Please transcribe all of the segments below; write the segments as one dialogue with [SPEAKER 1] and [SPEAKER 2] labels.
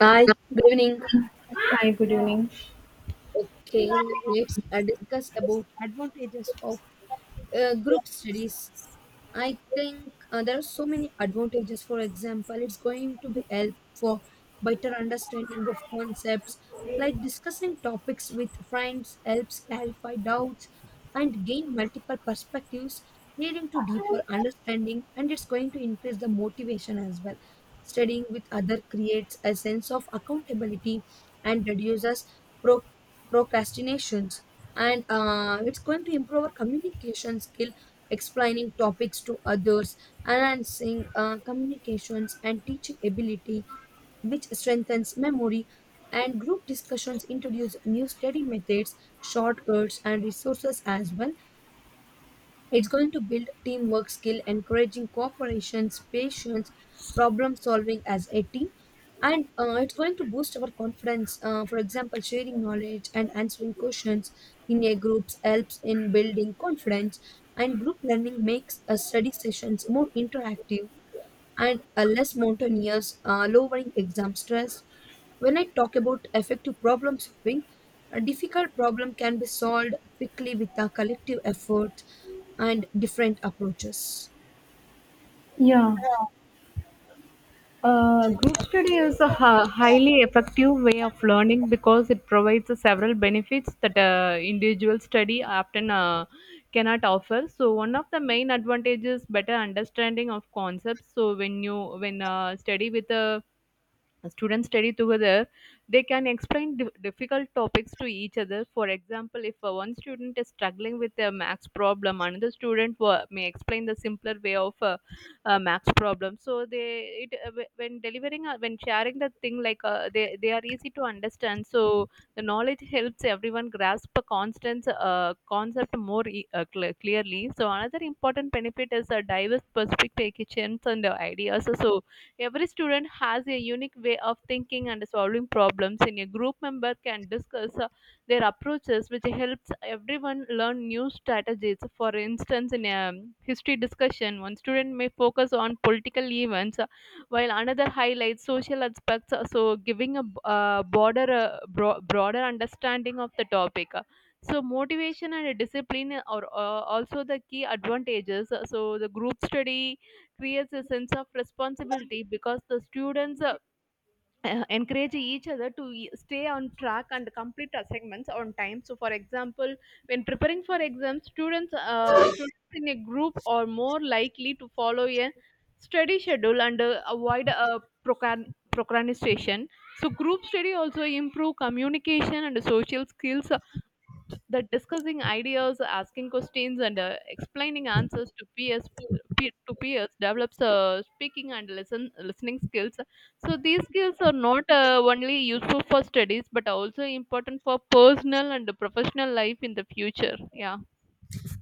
[SPEAKER 1] Hi, good evening.
[SPEAKER 2] Hi, good evening.
[SPEAKER 1] Okay, let's discuss about advantages of group studies. I think there are so many advantages. For example, it's going to be help for better understanding of concepts, like discussing topics with friends helps clarify doubts and gain multiple perspectives, leading to deeper understanding. And it's going to increase the motivation as well. Studying with other creates a sense of accountability and reduces pro- procrastinations. And it's going to improve our communication skill explaining topics to others, enhancing communications and teaching ability, which strengthens memory. And group discussions introduce new study methods, shortcuts, and resources as well, it's going to build teamwork skill, encouraging cooperation, patience, problem solving as a team. And it's going to boost our confidence. For example, sharing knowledge and answering questions in a groups helps in building confidence. And group learning makes study sessions more interactive and less monotonous, lowering exam stress. When I talk about effective problem solving, a difficult problem can be solved quickly with a collective effort and different approaches.
[SPEAKER 2] Yeah, group study is a highly effective way of learning because it provides several benefits that individual study often cannot offer. So one of the main advantages better understanding of concepts. So when you when study with a students study together. They can explain difficult topics to each other. For example, if one student is struggling with a max problem, another student may explain the simpler way of max problem. So when delivering, when sharing the thing, like uh, they are easy to understand. So the knowledge helps everyone grasp a constant concept more clearly. So another important benefit is a diverse perspectives and ideas. So every student has a unique way of thinking and solving problems, and a group member can discuss their approaches, which helps everyone learn new strategies. For instance, in a history discussion, one student may focus on political events, while another highlights social aspects, so giving a broader understanding of the topic. So motivation and discipline are also the key advantages. So the group study creates a sense of responsibility because the students encourage each other to stay on track and complete assignments on time. So for example, when preparing for exams, students in a group are more likely to follow a study schedule and avoid procrastination. So group study also improve communication and social skills, that discussing ideas, asking questions, and explaining answers to peer to peers develops speaking and listening skills. So these skills are not only useful for studies but are also important for personal and professional life in the future. Yeah.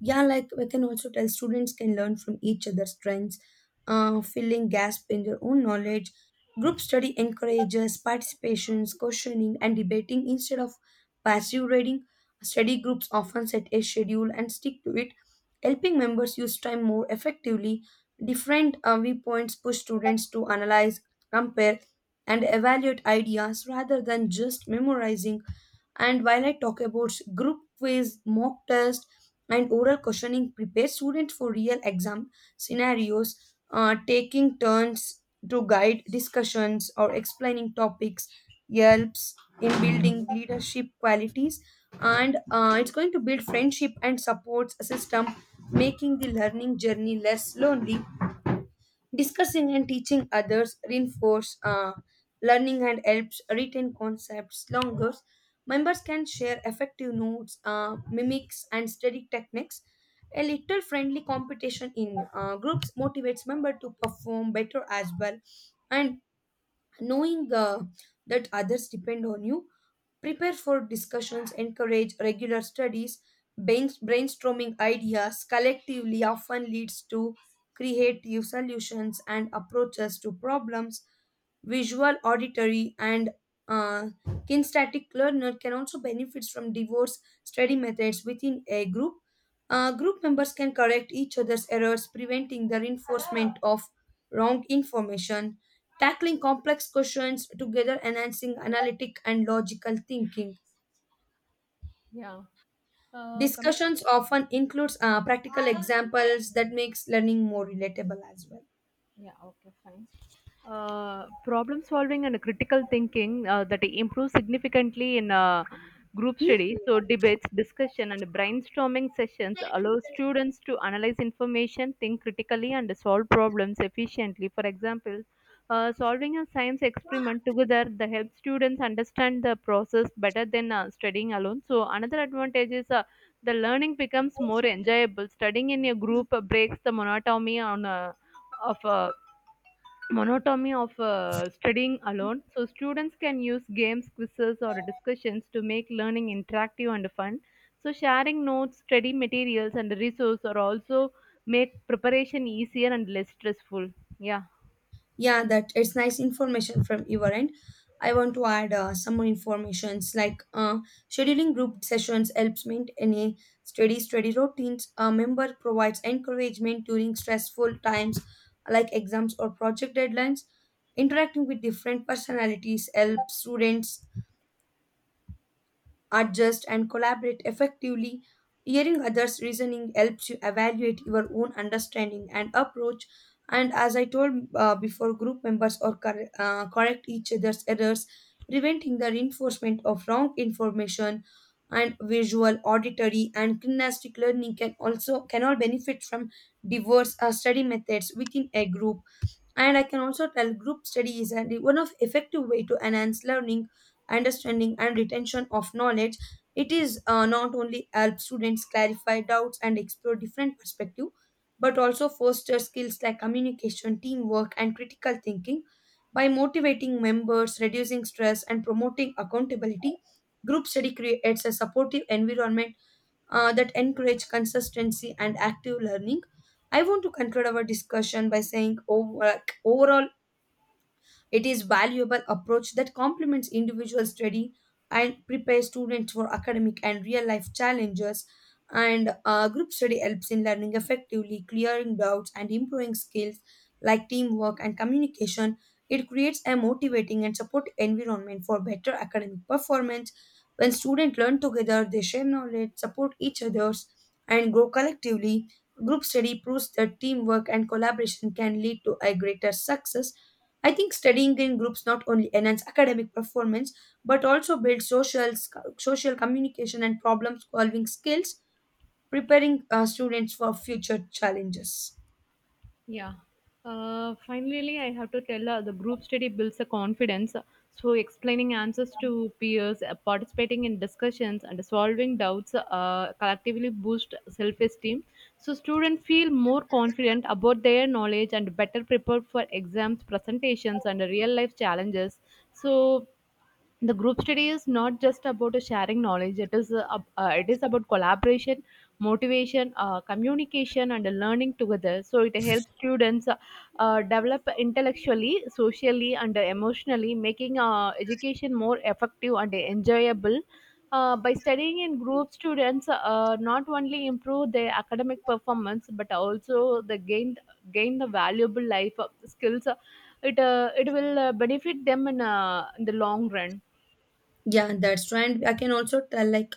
[SPEAKER 1] Yeah, like we can also tell students can learn from each other's strengths, filling gaps in their own knowledge. Group study encourages participations, questioning, and debating instead of passive reading. Study groups often set a schedule and stick to it, helping members use time more effectively. Different viewpoints push students to analyze, compare, and evaluate ideas rather than just memorizing. And while I talk about group quiz, mock test, and oral questioning, prepare students for real exam scenarios, taking turns to guide discussions or explaining topics helps in building leadership qualities, and it's going to build friendship and supports a system, making the learning journey less lonely. Discussing and teaching others reinforce learning and helps retain concepts longer. Members can share effective notes, mimics, and study techniques. A little friendly competition in groups motivates member to perform better as well, and knowing that others depend on you prepare for discussions encourage regular studies. Brain- Brainstorming ideas collectively often leads to creative solutions and approaches to problems. Visual, auditory, and uh, kinesthetic learner can also benefit from diverse study methods within a group. Group members can correct each other's errors, preventing the reinforcement of wrong information, tackling complex questions together, enhancing analytic and logical thinking.
[SPEAKER 2] Yeah. Coming to
[SPEAKER 1] Discussions often includes practical examples that makes learning more relatable as
[SPEAKER 2] Yeah, okay, fine. Problem solving and critical thinking that improves significantly in group
[SPEAKER 1] well.
[SPEAKER 2] study. So debates, discussion, and brainstorming sessions allow students to analyze information, think critically, and solve problems efficiently. For example, solving a science experiment together that helps students understand the process better than studying alone. So another advantage is the learning becomes more enjoyable. Studying in a group breaks the monotony on of monotony of studying alone. So students can use games, quizzes, or discussions to make learning interactive and fun. So sharing notes, study materials, and resources are also make preparation easier and less stressful. Yeah.
[SPEAKER 1] Yeah, that it's nice information from your end. I want to add some more informations like scheduling group sessions helps maintain a steady routines. A member provides encouragement during stressful times like exams or project deadlines. Interacting with different personalities helps students adjust, and collaborate effectively. Hearing others' reasoning helps you evaluate your own understanding and approach. And as I told before, group members or correct each other's errors, preventing the reinforcement of wrong information. And visual, auditory, and kinesthetic learning can also can all benefit from diverse study methods within a group. And I can also tell group study is one of effective way to enhance learning, understanding, and retention of knowledge. It is not only help students clarify doubts and explore different perspective, but also foster skills like communication, teamwork, and critical thinking. By motivating members, reducing stress, and promoting accountability, group study creates a supportive environment that encourage consistency and active learning. I want to conclude our discussion by saying over, like, overall it is valuable approach that complements individual study and prepares students for academic and real life challenges. And group study helps in learning effectively, clearing doubts, and improving skills like teamwork and communication. It creates a motivating and supportive environment for better academic performance. When students learn together, they share knowledge, support each other's, and grow collectively. Group study proves that teamwork and collaboration can lead to a greater success. I think studying in groups not only enhance academic performance but also build social communication and problem solving skills, preparing students for future challenges.
[SPEAKER 2] Yeah. Finally, I have to tell the group study builds a confidence. So explaining answers to peers, participating in discussions, and solving doubts collectively boost self esteem. So students feel more confident about their knowledge and better prepared for exams, presentations, and real life challenges. So the group study is not just about sharing knowledge. It is it is about collaboration, motivation, communication, and learning together. So it helps students develop intellectually, socially, and emotionally, making education more effective and enjoyable. By studying in group, students not only improve their academic performance, but also they gain the valuable life skills. It will benefit them in the long run.
[SPEAKER 1] Yeah, that's true. And I can also tell like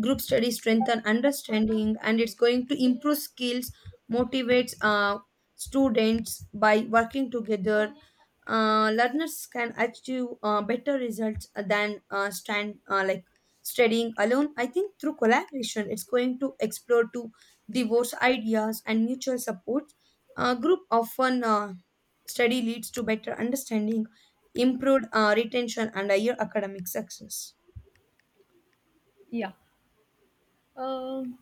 [SPEAKER 1] group study strengthen understanding and it's going to improve skills, motivates students by working together. Learners can achieve better results than stand like studying alone. I think through collaboration, it's going to explore to divorce ideas and mutual support. Group often study leads to better understanding, improved retention, and higher academic success.
[SPEAKER 2] Yeah. Um,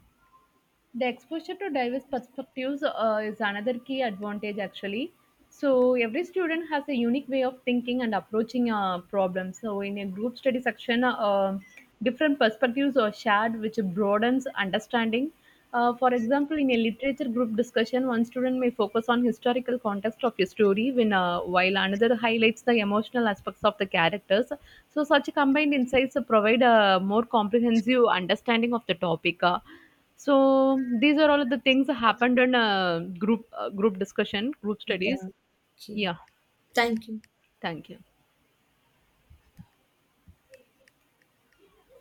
[SPEAKER 2] the exposure to diverse perspectives is another key advantage actually. So every student has a unique way of thinking and approaching a problem. So in a group study section, different perspectives are shared, which broadens understanding. For example, in a literature group discussion, one student may focus on historical context of a story, while another highlights the emotional aspects of the characters. So such combined insights provide a more comprehensive understanding of the topic. So these are all of the things that happened in group discussion, group studies.
[SPEAKER 1] Yeah, okay.
[SPEAKER 2] Yeah,
[SPEAKER 1] Thank you.
[SPEAKER 2] thank you.